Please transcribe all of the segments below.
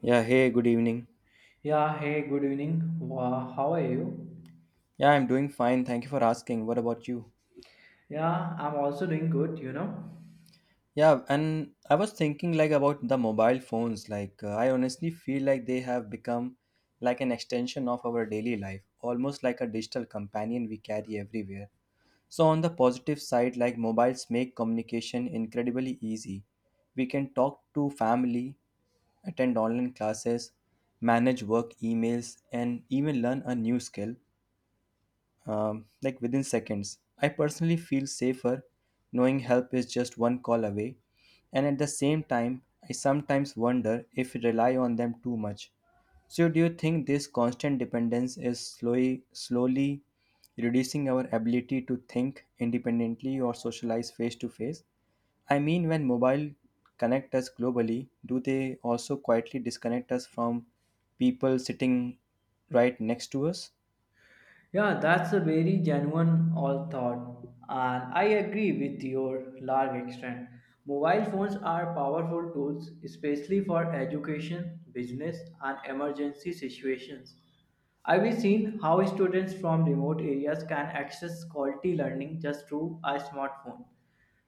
Yeah, hey, good evening. Yeah, hey, good evening. Wow, how are you? Yeah, I'm doing fine. Thank you for asking. What about you? Yeah, I'm also doing good. Yeah, and I was thinking about the mobile phones. I honestly feel like they have become like an extension of our daily life, almost like a digital companion we carry everywhere. So, on the positive side, like mobiles make communication incredibly easy. We can talk to family, attend online classes, manage work emails, and even learn a new skill like within seconds. I personally feel safer knowing help is just one call away, and at the same time, I sometimes wonder if we rely on them too much. So, do you think this constant dependence is slowly, slowly reducing our ability to think independently or socialize face to face? I mean, when mobile connect us globally, do they also quietly disconnect us from people sitting right next to us? Yeah, that's a very genuine all thought, and I agree with your large extent. Mobile phones are powerful tools, especially for education, business, and emergency situations. I have seen how students from remote areas can access quality learning just through a smartphone.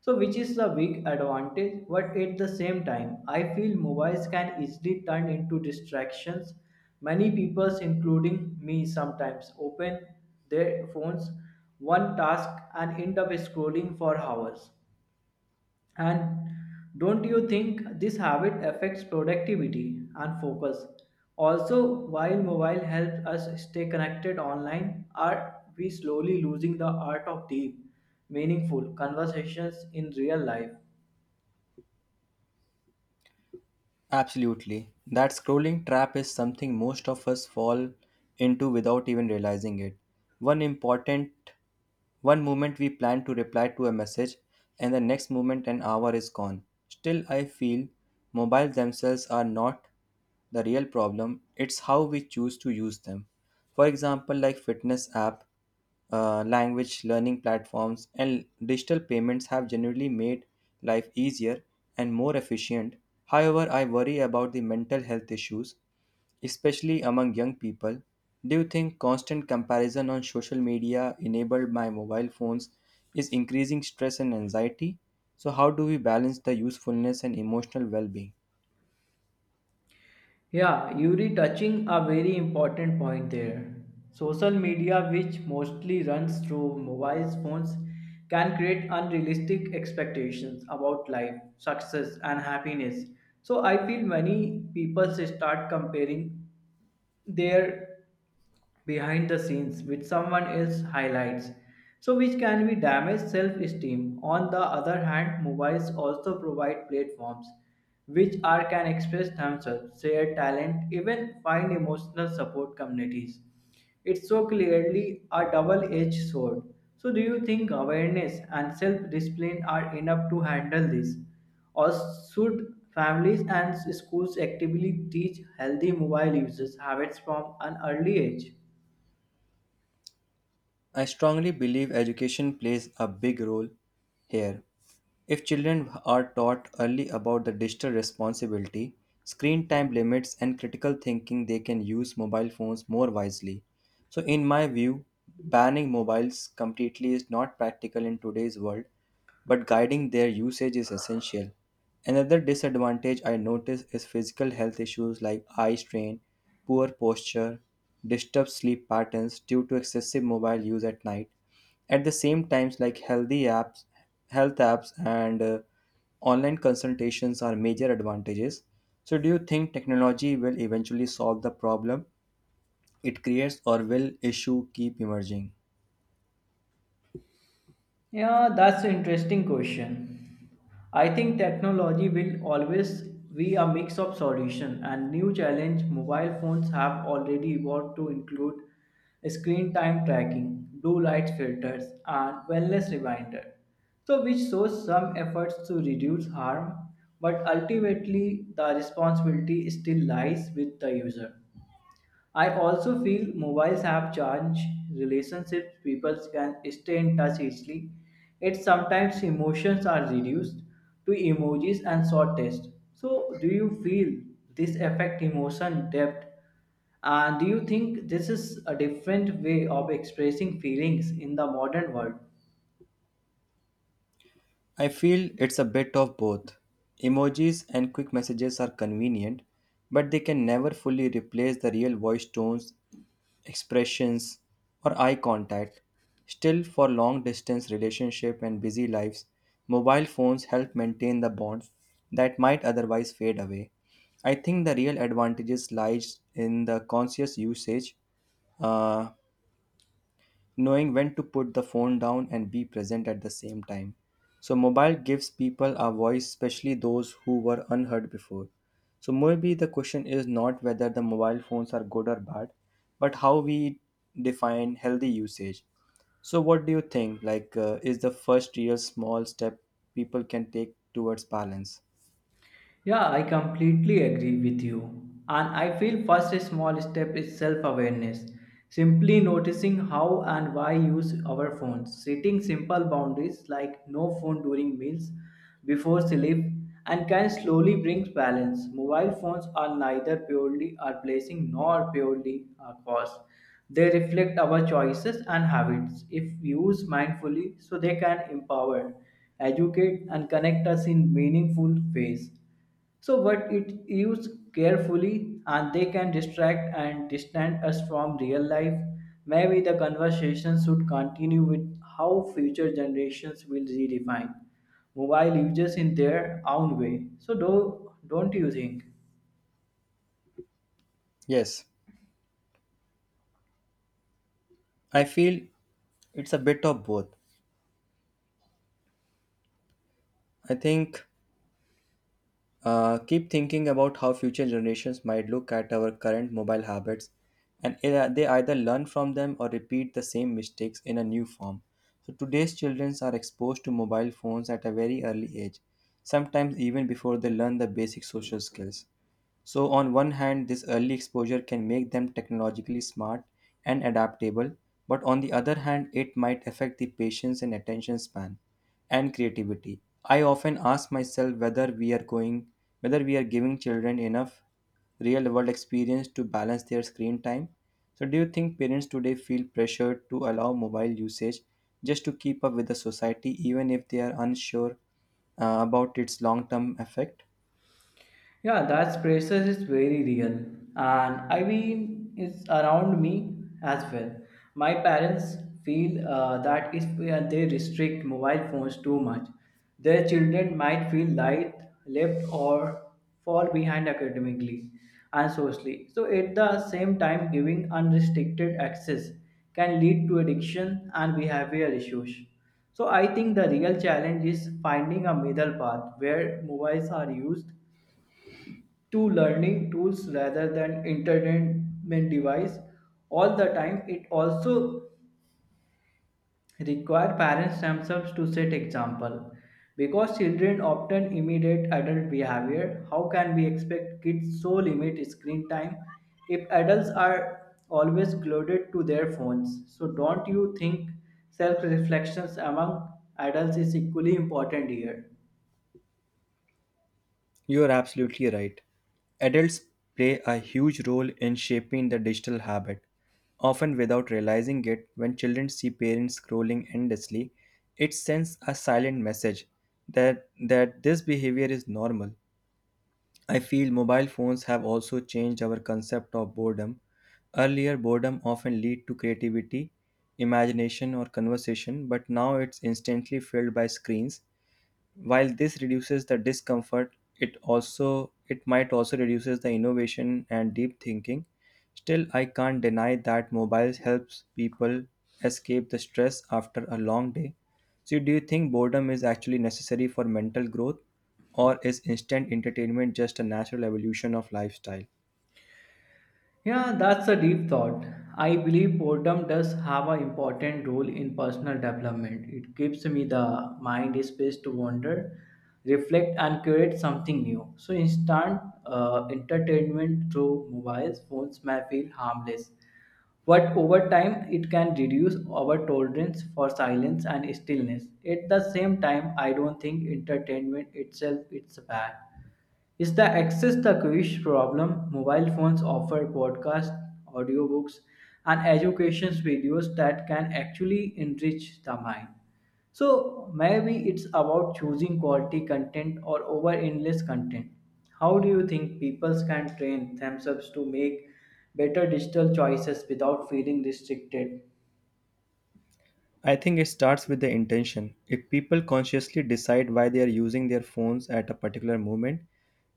So, which is the big advantage, but at the same time, I feel mobiles can easily turn into distractions. Many people, including me, sometimes open their phones one task and end up scrolling for hours. And don't you think this habit affects productivity and focus? Also, while mobile helps us stay connected online, are we slowly losing the art of deep, meaningful conversations in real life? Absolutely. That scrolling trap is something most of us fall into without even realizing it. One important one moment we plan to reply to a message and the next moment an hour is gone. Still, I feel mobiles themselves are not the real problem, it's how we choose to use them. For example, like fitness app, language learning platforms, and digital payments have genuinely made life easier and more efficient. However, I worry about the mental health issues, especially among young people. Do you think constant comparison on social media enabled by mobile phones is increasing stress and anxiety? So, how do we balance the usefulness and emotional well being? Yeah, Yuri touching a very important point there. Social media, which mostly runs through mobile phones, can create unrealistic expectations about life, success, and happiness. So I feel many people start comparing their behind the scenes with someone else highlights, so which can be damage self-esteem. On the other hand, movies also provide platforms which are can express themselves, share talent, even find emotional support communities. It's so clearly a double edged sword. So, do you think awareness and self discipline are enough to handle this? Or should families and schools actively teach healthy mobile usage habits from an early age? I strongly believe education plays a big role here. If children are taught early about the digital responsibility, screen time limits, and critical thinking, they can use mobile phones more wisely. So, in my view, banning mobiles completely is not practical in today's world, but guiding their usage is essential. Another disadvantage I notice is physical health issues like eye strain, poor posture, disturbed sleep patterns due to excessive mobile use at night. At the same times, like healthy apps, health apps and online consultations are major advantages. So do you think technology will eventually solve the problem it creates or will issue keep emerging? Yeah, that's an interesting question. I think technology will always be a mix of solution and new challenge. Mobile phones have already evolved to include screen time tracking, blue light filters, and wellness reminder. So, which shows some efforts to reduce harm, but ultimately the responsibility still lies with the user. I also feel mobiles have changed relationships. People can stay in touch easily. It sometimes emotions are reduced to emojis and short text. So, do you feel this affect emotion depth? And do you think this is a different way of expressing feelings in the modern world? I feel it's a bit of both. Emojis and quick messages are convenient, but they can never fully replace the real voice tones, expressions, or eye contact. Still, for long distance relationship and busy lives, mobile phones help maintain the bonds that might otherwise fade away. I think the real advantages lies in the conscious usage, uh, knowing when to put the phone down and be present at the same time. So mobile gives people a voice, especially those who were unheard before. So maybe the question is not whether the mobile phones are good or bad, but how we define healthy usage. So what do you think? Is the first real small step people can take towards balance? Yeah, I completely agree with you. And I feel first small step is self awareness. Simply noticing how and why use our phones, setting simple boundaries like no phone during meals, before sleep, and can slowly bring balance. Mobile phones are neither purely a blessing nor purely a curse. They reflect our choices and habits if used mindfully, so they can empower, educate, and connect us in meaningful ways. So, but it used carefully and they can distract and distance us from real life. Maybe the conversation should continue with how future generations will redefine mobile users in their own way. So, don't you think? Yes, I feel it's a bit of both. I think Keep thinking about how future generations might look at our current mobile habits and they either learn from them or repeat the same mistakes in a new form. So, today's children are exposed to mobile phones at a very early age, sometimes even before they learn the basic social skills. So, on one hand, this early exposure can make them technologically smart and adaptable, but on the other hand, it might affect the patience and attention span and creativity. I often ask myself whether we are giving children enough real world experience to balance their screen time. So do you think parents today feel pressured to allow mobile usage just to keep up with the society even if they are unsure about its long term effect? Yeah, that pressure is very real, and I mean it's around me as well. My parents feel that if we are- they restrict mobile phones too much, their children might feel light left or fall behind academically and socially. So at the same time, giving unrestricted access can lead to addiction and behavioral issues. So I think the real challenge is finding a middle path where mobiles are used to learning tools rather than entertainment device all the time. It also require parents themselves to set example, because children often imitate adult behavior. How can we expect kids so limit screen time if adults are always glued to their phones? So don't you think self reflections among adults is equally important here? You are absolutely right. Adults play a huge role in shaping the digital habit, often without realizing it. When children see parents scrolling endlessly, it sends a silent message that this behavior is normal. I feel mobile phones have also changed our concept of boredom. Earlier, boredom often lead to creativity, imagination, or conversation, but now it's instantly filled by screens. While this reduces the discomfort, it might also reduces the innovation and deep thinking. Still, I can't deny that mobiles helps people escape the stress after a long day. So do you think boredom is actually necessary for mental growth, or is instant entertainment just a natural evolution of lifestyle? Yeah, that's a deep thought. I believe boredom does have an important role in personal development. It gives me the mind space to wander, reflect, and create something new. So, instant entertainment through mobile phones may feel harmless, but over time, it can reduce our tolerance for silence and stillness. At the same time, I don't think entertainment itself is bad. Is the access the quiz problem. Mobile phones offer podcasts, audiobooks, and education videos that can actually enrich the mind. So maybe it's about choosing quality content or over endless content. How do you think people can train themselves to make better digital choices without feeling restricted? I think it starts with the intention. If people consciously decide why they are using their phones at a particular moment,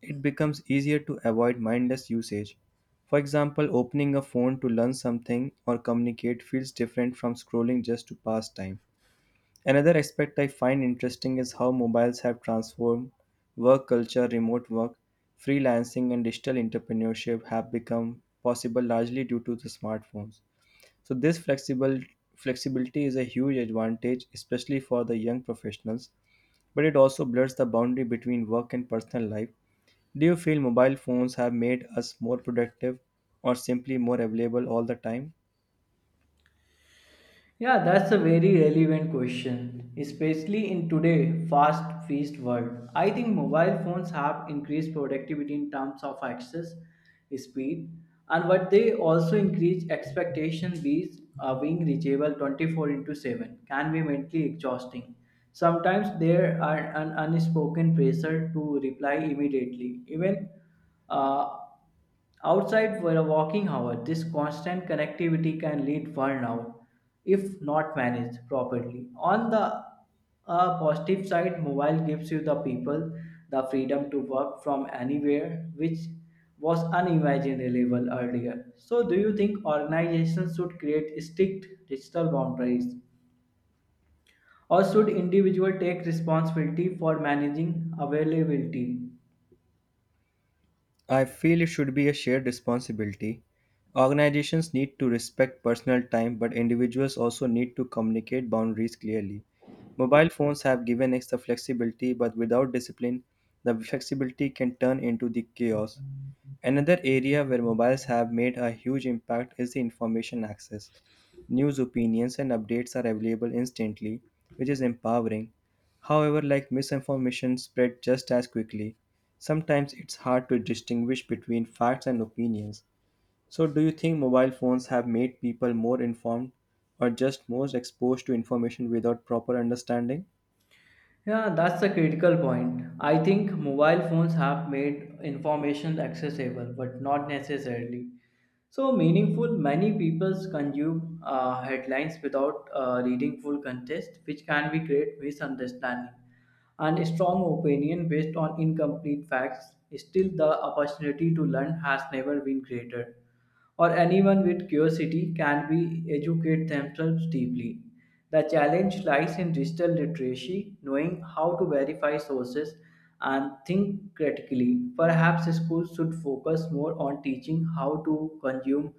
it becomes easier to avoid mindless usage. For example, opening a phone to learn something or communicate feels different from scrolling just to pass time. Another aspect I find interesting is how mobiles have transformed work culture. Remote work, freelancing, and digital entrepreneurship have become possible largely due to the smartphones. So, this flexible flexibility is a huge advantage, especially for the young professionals, but it also blurs the boundary between work and personal life. Do you feel mobile phones have made us more productive or simply more available all the time? Yeah, that's a very relevant question, especially in today fast paced world. I think mobile phones have increased productivity in terms of access, speed, and what they also increase expectation. These are being reachable 24 into 7 can be mentally exhausting. Sometimes there are an unspoken pressure to reply immediately, even uh, outside for a walking hour, this constant connectivity can lead burnout if not managed properly. On the positive side, mobile gives you the people the freedom to work from anywhere, which was unimaginable earlier. So, do you think organizations should create strict digital boundaries, or should individuals take responsibility for managing availability? I feel it should be a shared responsibility. Organizations need to respect personal time, but individuals also need to communicate boundaries clearly. Mobile phones have given us the flexibility, but without discipline, the flexibility can turn into the chaos. Another area where mobiles have made a huge impact is the information access. News, opinions, and updates are available instantly, which is empowering. However, like misinformation spread just as quickly. Sometimes it's hard to distinguish between facts and opinions. So, do you think mobile phones have made people more informed or just more exposed to information without proper understanding? Yeah, that's the critical point. I think mobile phones have made information accessible, but not necessarily so meaningful. Many people consume headlines without reading full context, which can be create misunderstanding and strong opinion based on incomplete facts. Still the opportunity to learn has never been greater. Or anyone with curiosity can be educate themselves deeply. The challenge lies in digital literacy, knowing how to verify sources and think critically. Perhaps schools should focus more on teaching how to consume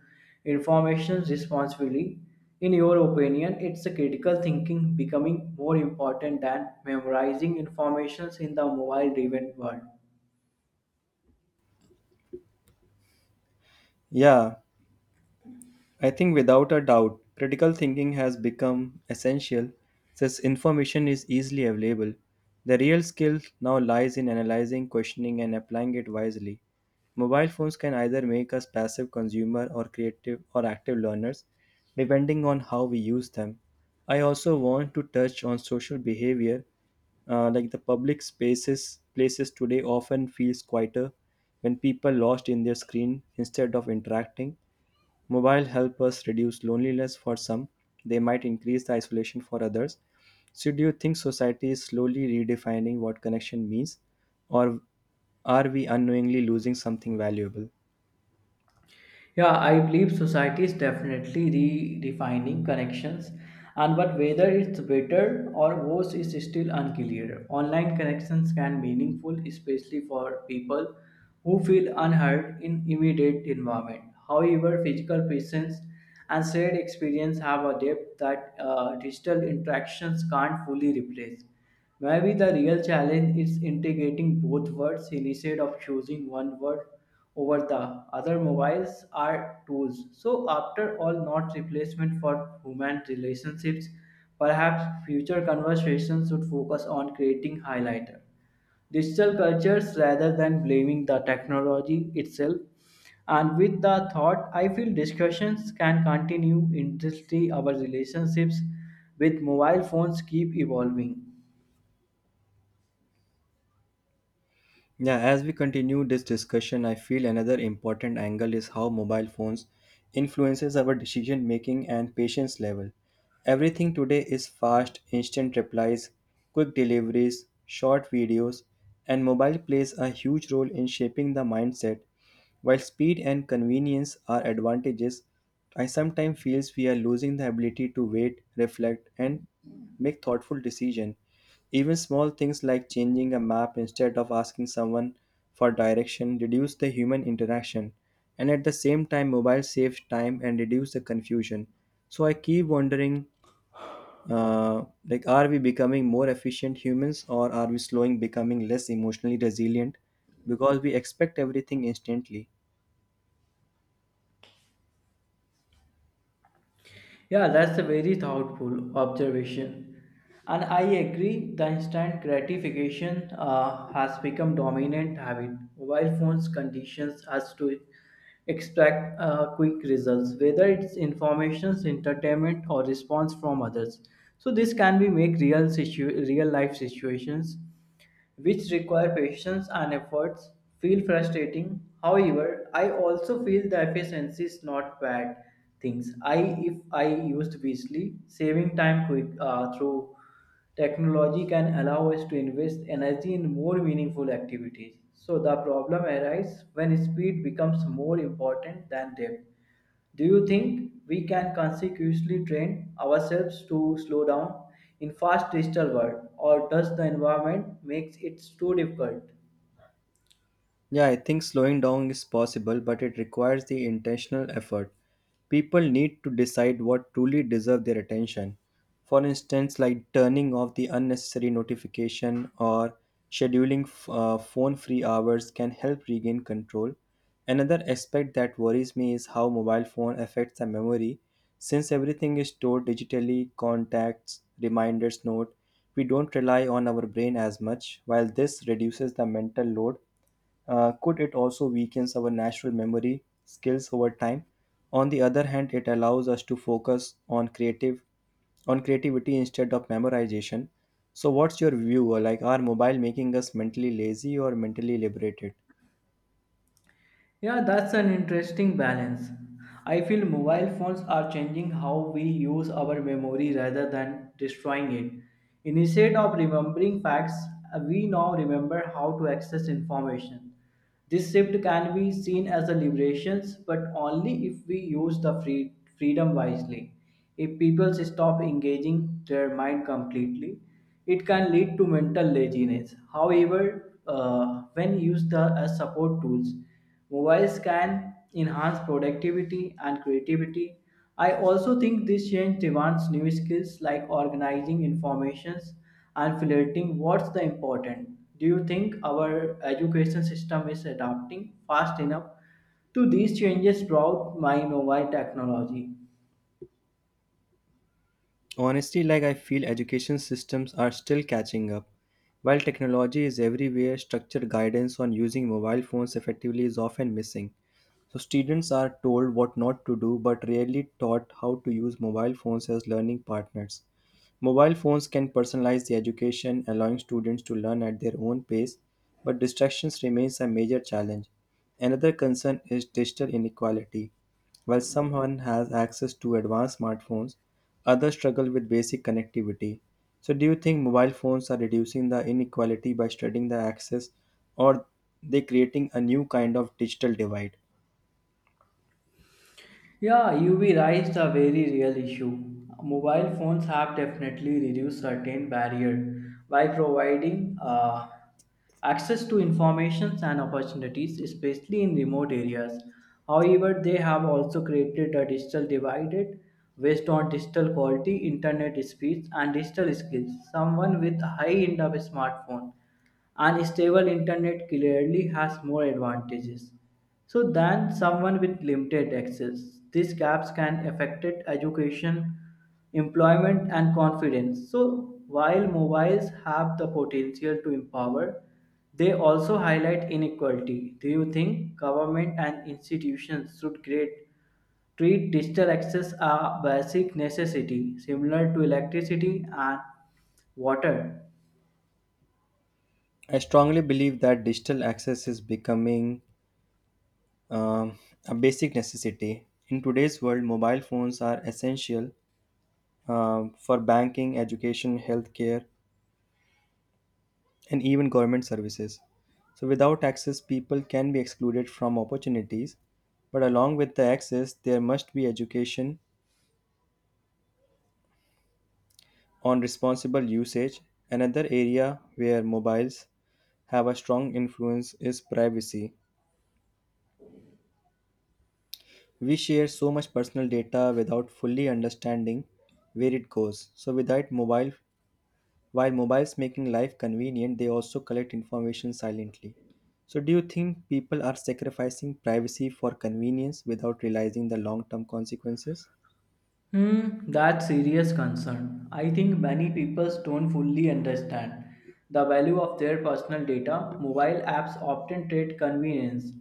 information responsibly. In your opinion, it's a critical thinking becoming more important than memorizing information in the mobile driven world. Yeah, I think without a doubt, critical thinking has become essential since information is easily available. The real skill now lies in analyzing, questioning, and applying it wisely. Mobile phones can either make us passive consumer or creative or active learners, depending on how we use them. I also want to touch on social behavior, like the public spaces places today often feels quieter when people lost in their screen instead of interacting. Mobile help us reduce loneliness for some. They might increase the isolation for others. So do you think society is slowly redefining what connection means, or are we unknowingly losing something valuable? Yeah, I believe society is definitely redefining connections, and but whether it's better or worse is still unclear. Online connections can be meaningful, especially for people who feel unheard in immediate environment. However, physical presence and shared experience have a depth that digital interactions can't fully replace. Maybe the real challenge is integrating both words instead of choosing one word over the other. Mobiles are tools, so after all, not replacement for human relationships. Perhaps future conversations should focus on creating highlighter digital cultures rather than blaming the technology itself. And with the thought, I feel discussions can continue until our relationships with mobile phones keep evolving. Yeah, as we continue this discussion, I feel another important angle is how mobile phones influences our decision making and patience level. Everything today is fast, instant replies, quick deliveries, short videos, and mobile plays a huge role in shaping the mindset. While speed and convenience are advantages, I sometimes feel we are losing the ability to wait, reflect, and make thoughtful decisions. Even small things like changing a map instead of asking someone for direction reduce the human interaction, and at the same time mobile saves time and reduce the confusion. So I keep wondering, like, are we becoming more efficient humans or are we slowing becoming less emotionally resilient because we expect everything instantly? Yeah, that's a very thoughtful observation. And I agree, the instant gratification has become dominant habit. Mobile phones conditions us to expect quick results, whether it's information, entertainment, or response from others. So this can be make real life situations which require patience and efforts, feel frustrating. However, I also feel the efficiency is not bad things. I If I used wisely, saving time quick through technology can allow us to invest energy in more meaningful activities. So the problem arises when speed becomes more important than depth. Do you think we can consciously train ourselves to slow down in fast digital world, or does the environment makes it too difficult? Yeah, I think slowing down is possible, but it requires the intentional effort. People need to decide what truly deserve their attention. For instance, like turning off the unnecessary notification or scheduling phone-free hours can help regain control. Another aspect that worries me is how mobile phone affects the memory. Since everything is stored digitally, contacts, reminders, note, we don't rely on our brain as much. While this reduces the mental load, could it also weakens our natural memory skills over time? On the other hand, it allows us to focus on creative on creativity instead of memorization. So, what's your view? Like, are mobile making us mentally lazy or mentally liberated? Yeah, that's an interesting balance. I feel mobile phones are changing how we use our memory rather than destroying it. Instead of remembering facts, we now remember how to access information. This shift can be seen as a liberation, but only if we use the freedom wisely. If people stop engaging their mind completely, it can lead to mental laziness. However, when used as support tools, mobiles can enhance productivity and creativity. I also think this change demands new skills like organizing informations and filtering what's the important. Do you think our education system is adapting fast enough to these changes brought by mobile technology? Honestly, like I feel education systems are still catching up. While technology is everywhere, structured guidance on using mobile phones effectively is often missing. So students are told what not to do but rarely taught how to use mobile phones as learning partners. Mobile phones can personalize the education, allowing students to learn at their own pace, but distractions remains a major challenge. Another concern is digital inequality. While someone has access to advanced smartphones, others struggle with basic connectivity. So do you think mobile phones are reducing the inequality by studying the access, or they creating a new kind of digital divide? Yeah, UV raised a very real issue. Mobile phones have definitely reduced certain barrier by providing access to information and opportunities, especially in remote areas. However, they have also created a digital divide based on digital quality, internet speeds, and digital skills. Someone with a high-end of a smartphone and stable internet clearly has more advantages so than someone with limited access. These gaps can affect education, employment, and confidence. So while mobiles have the potential to empower, they also highlight inequality. Do you think government and institutions should create treat digital access a basic necessity similar to electricity and water? I strongly believe that digital access is becoming um, a basic necessity. In today's world, mobile phones are essential for banking, education, healthcare, and even government services. So, without access, people can be excluded from opportunities. But along with the access, there must be education on responsible usage. Another area where mobiles have a strong influence is privacy. We share so much personal data without fully understanding where it goes. So without mobile While mobiles making life convenient, they also collect information silently. So do you think people are sacrificing privacy for convenience without realizing the long-term consequences? Hmm, that's serious concern. I think many people don't fully understand the value of their personal data. Mobile apps often trade convenience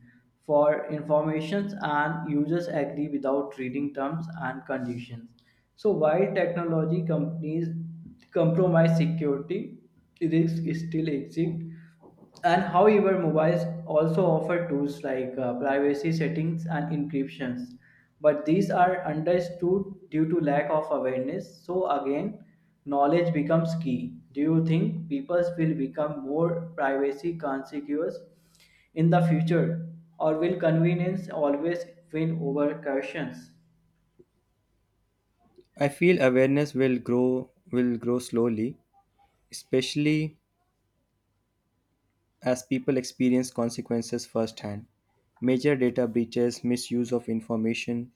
for information and users agree without reading terms and conditions. So while technology companies compromise security, risks still exist. And however, mobiles also offer tools like privacy settings and encryptions, but these are understood due to lack of awareness. So again, knowledge becomes key. Do you think people will become more privacy conscious in the future, or will convenience always win over cautions? I feel awareness will grow slowly, especially as people experience consequences firsthand. Major data breaches, misuse of information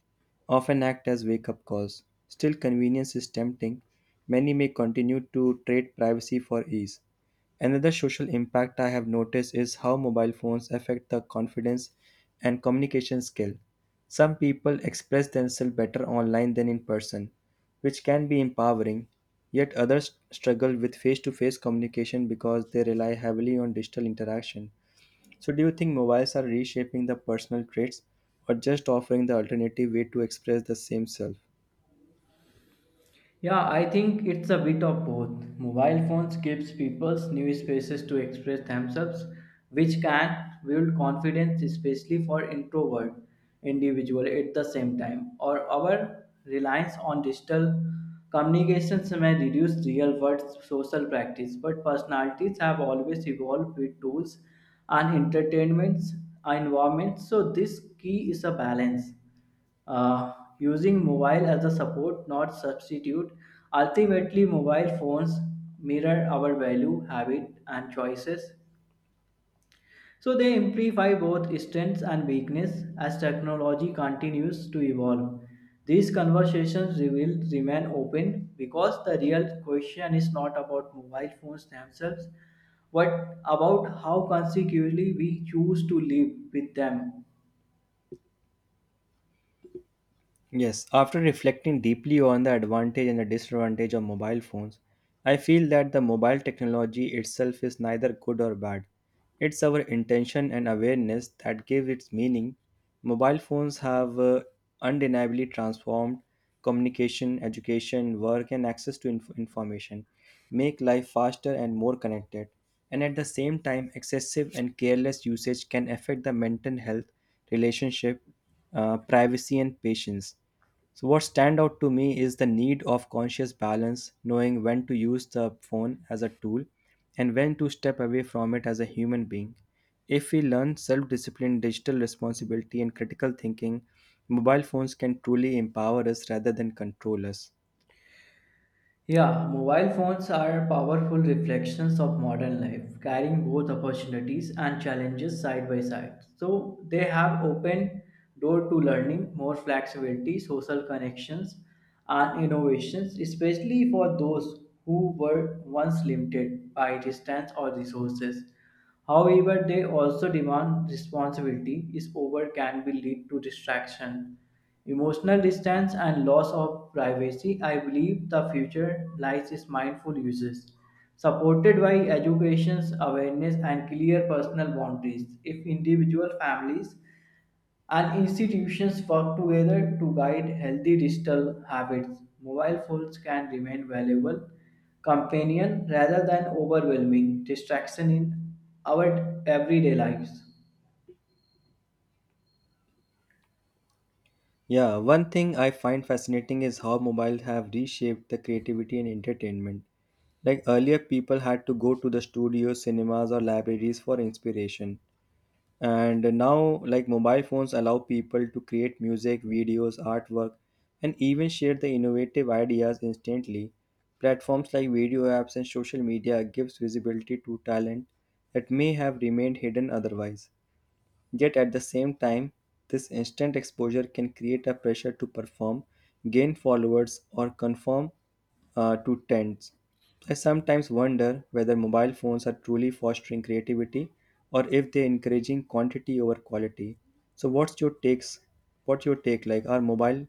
often act as wake up calls. Still, convenience is tempting. Many may continue to trade privacy for ease. Another social impact I have noticed is how mobile phones affect the confidence and communication skill. Some people express themselves better online than in person, which can be empowering, yet others struggle with face to face communication because they rely heavily on digital interaction. So, do you think mobiles are reshaping the personal traits or just offering the alternative way to express the same self? Yeah, I think it's a bit of both. Mobile phones gives people new spaces to express themselves, which can build confidence, especially for introvert individual at the same time. Or our reliance on digital communications may reduce real world social practice, but personalities have always evolved with tools and entertainments environments. So this key is a balance uh, using mobile as a support not substitute. Ultimately mobile phones mirror our value habit and choices, so they amplify both strengths and weakness. As technology continues to evolve, these conversations will remain open because the real question is not about mobile phones themselves but about how consequently we choose to live with them. Yes, after reflecting deeply on the advantage and the disadvantage of mobile phones, I feel that the mobile technology itself is neither good or bad. It's our intention and awareness that give its meaning. Mobile phones have undeniably transformed communication, education, work, and access to information, make life faster and more connected. And at the same time, excessive and careless usage can affect the mental health, relationship, privacy and patience. So what stand out to me is the need of conscious balance, knowing when to use the phone as a tool and when to step away from it as a human being. If we learn self-discipline, digital responsibility and critical thinking, mobile phones can truly empower us rather than control us. Yeah, mobile phones are powerful reflections of modern life, carrying both opportunities and challenges side by side. So they have opened door to learning, more flexibility, social connections, and innovations, especially for those who were once limited by distance or resources. However, they also demand responsibility is over can be lead to distraction, emotional distance and loss of privacy. I believe the future lies in mindful uses, supported by education, awareness and clear personal boundaries. If individual families and institutions work together to guide healthy digital habits. Mobile phones can remain valuable companion rather than overwhelming distraction in our everyday lives. Yeah, one thing I find fascinating is how mobile have reshaped the creativity and entertainment. Like earlier people had to go to the studios, cinemas or libraries for inspiration, and now like mobile phones allow people to create music videos artwork and even share the innovative ideas instantly. Platforms like video apps and social media gives visibility to talent that may have remained hidden otherwise. Yet at the same time, this instant exposure can create a pressure to perform, gain followers, or conform to trends. I sometimes wonder whether mobile phones are truly fostering creativity or if they're encouraging quantity over quality. So what's your takes? What's your take like? Are mobile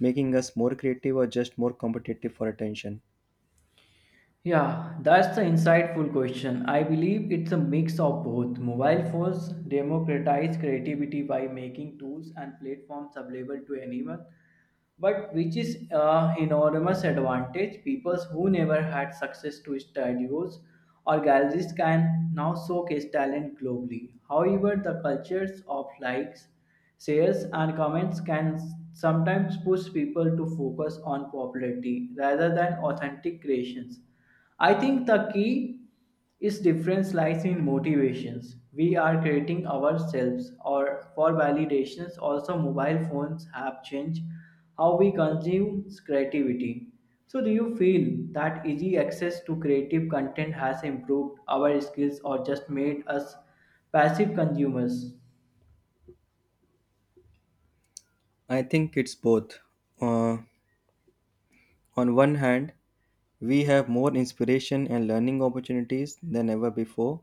making us more creative or just more competitive for attention? Yeah, that's the insightful question. I believe it's a mix of both. Mobile phones democratize creativity by making tools and platforms available to anyone, but which is an enormous advantage. People who never had success to studios or galleries can now showcase talent globally. However, the cultures of likes, shares, and comments can sometimes push people to focus on popularity rather than authentic creations. I think the key is difference lies in motivations. We are creating ourselves or for validations. Also, mobile phones have changed how we consume creativity. So, do you feel that easy access to creative content has improved our skills or just made us passive consumers? I think it's both. Uh, on one hand, we have more inspiration and learning opportunities than ever before.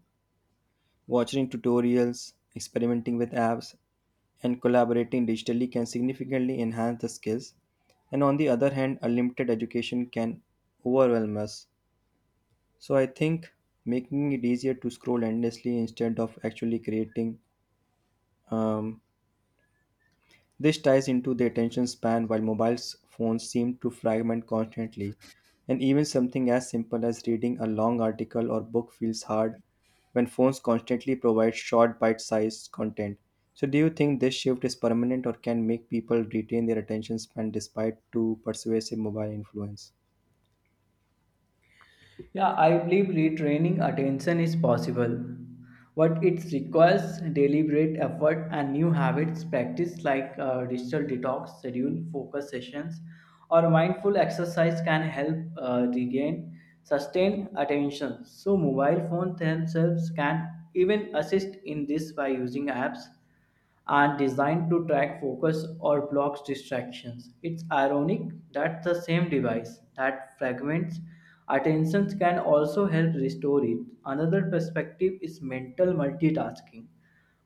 Watching tutorials, experimenting with apps, and collaborating digitally can significantly enhance the skills. And on the other hand, a limited education can overwhelm us. So I think making it easier to scroll endlessly instead of actually creating um, This ties into the attention span while mobile phones seem to fragment constantly, and even something as simple as reading a long article or book feels hard when phones constantly provide short bite-sized content. So do you think this shift is permanent or can make people retain their attention span despite too persuasive mobile influence? Yeah, I believe retraining attention is possible, but it requires deliberate effort and new habits practice like digital detox, schedule focus sessions, or mindful exercise can help regain sustained attention. So, mobile phones themselves can even assist in this by using apps are designed to track focus or blocks distractions. It's ironic that the same device that fragments attention can also help restore it. Another perspective is mental multitasking.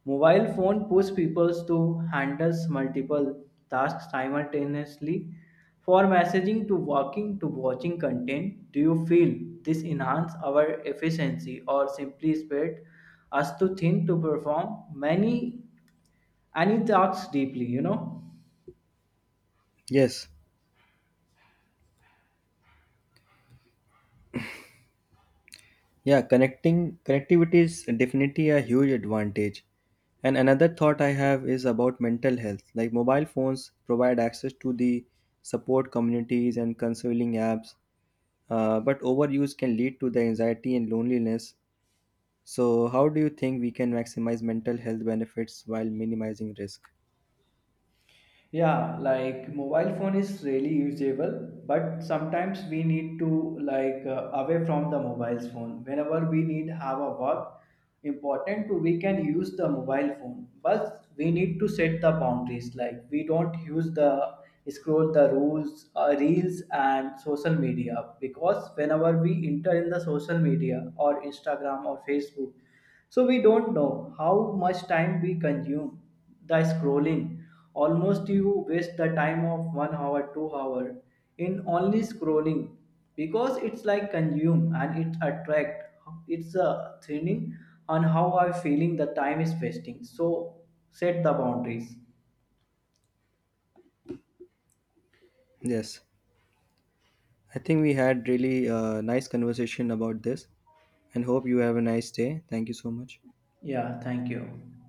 Mobile phone push people to handle multiple tasks simultaneously. For messaging to working to watching content, do you feel this enhance our efficiency or simply spread us to think to perform? Many and he talks deeply. Yes. Yeah, connecting connectivity is definitely a huge advantage. And another thought I have is about mental health. Like mobile phones provide access to the support communities and counseling apps, but overuse can lead to the anxiety and loneliness. So, how do you think we can maximize mental health benefits while minimizing risk? Yeah, like mobile phone is really usable, but sometimes we need to away from the mobile's phone. Whenever we need have a work important to we can use the mobile phone, but we need to set the boundaries. Like we don't use the scroll the rules, reels and social media, because whenever we enter in the social media or Instagram or Facebook, so we don't know how much time we consume. The scrolling almost you waste the time of 1 hour 2 hour in only scrolling, because it's like consume and it attract. It's a thinning on how I'm feeling the time is wasting, so set the boundaries. Yes, I think we had really nice conversation about this, and hope you have a nice day. Thank you so much. Yeah, thank you.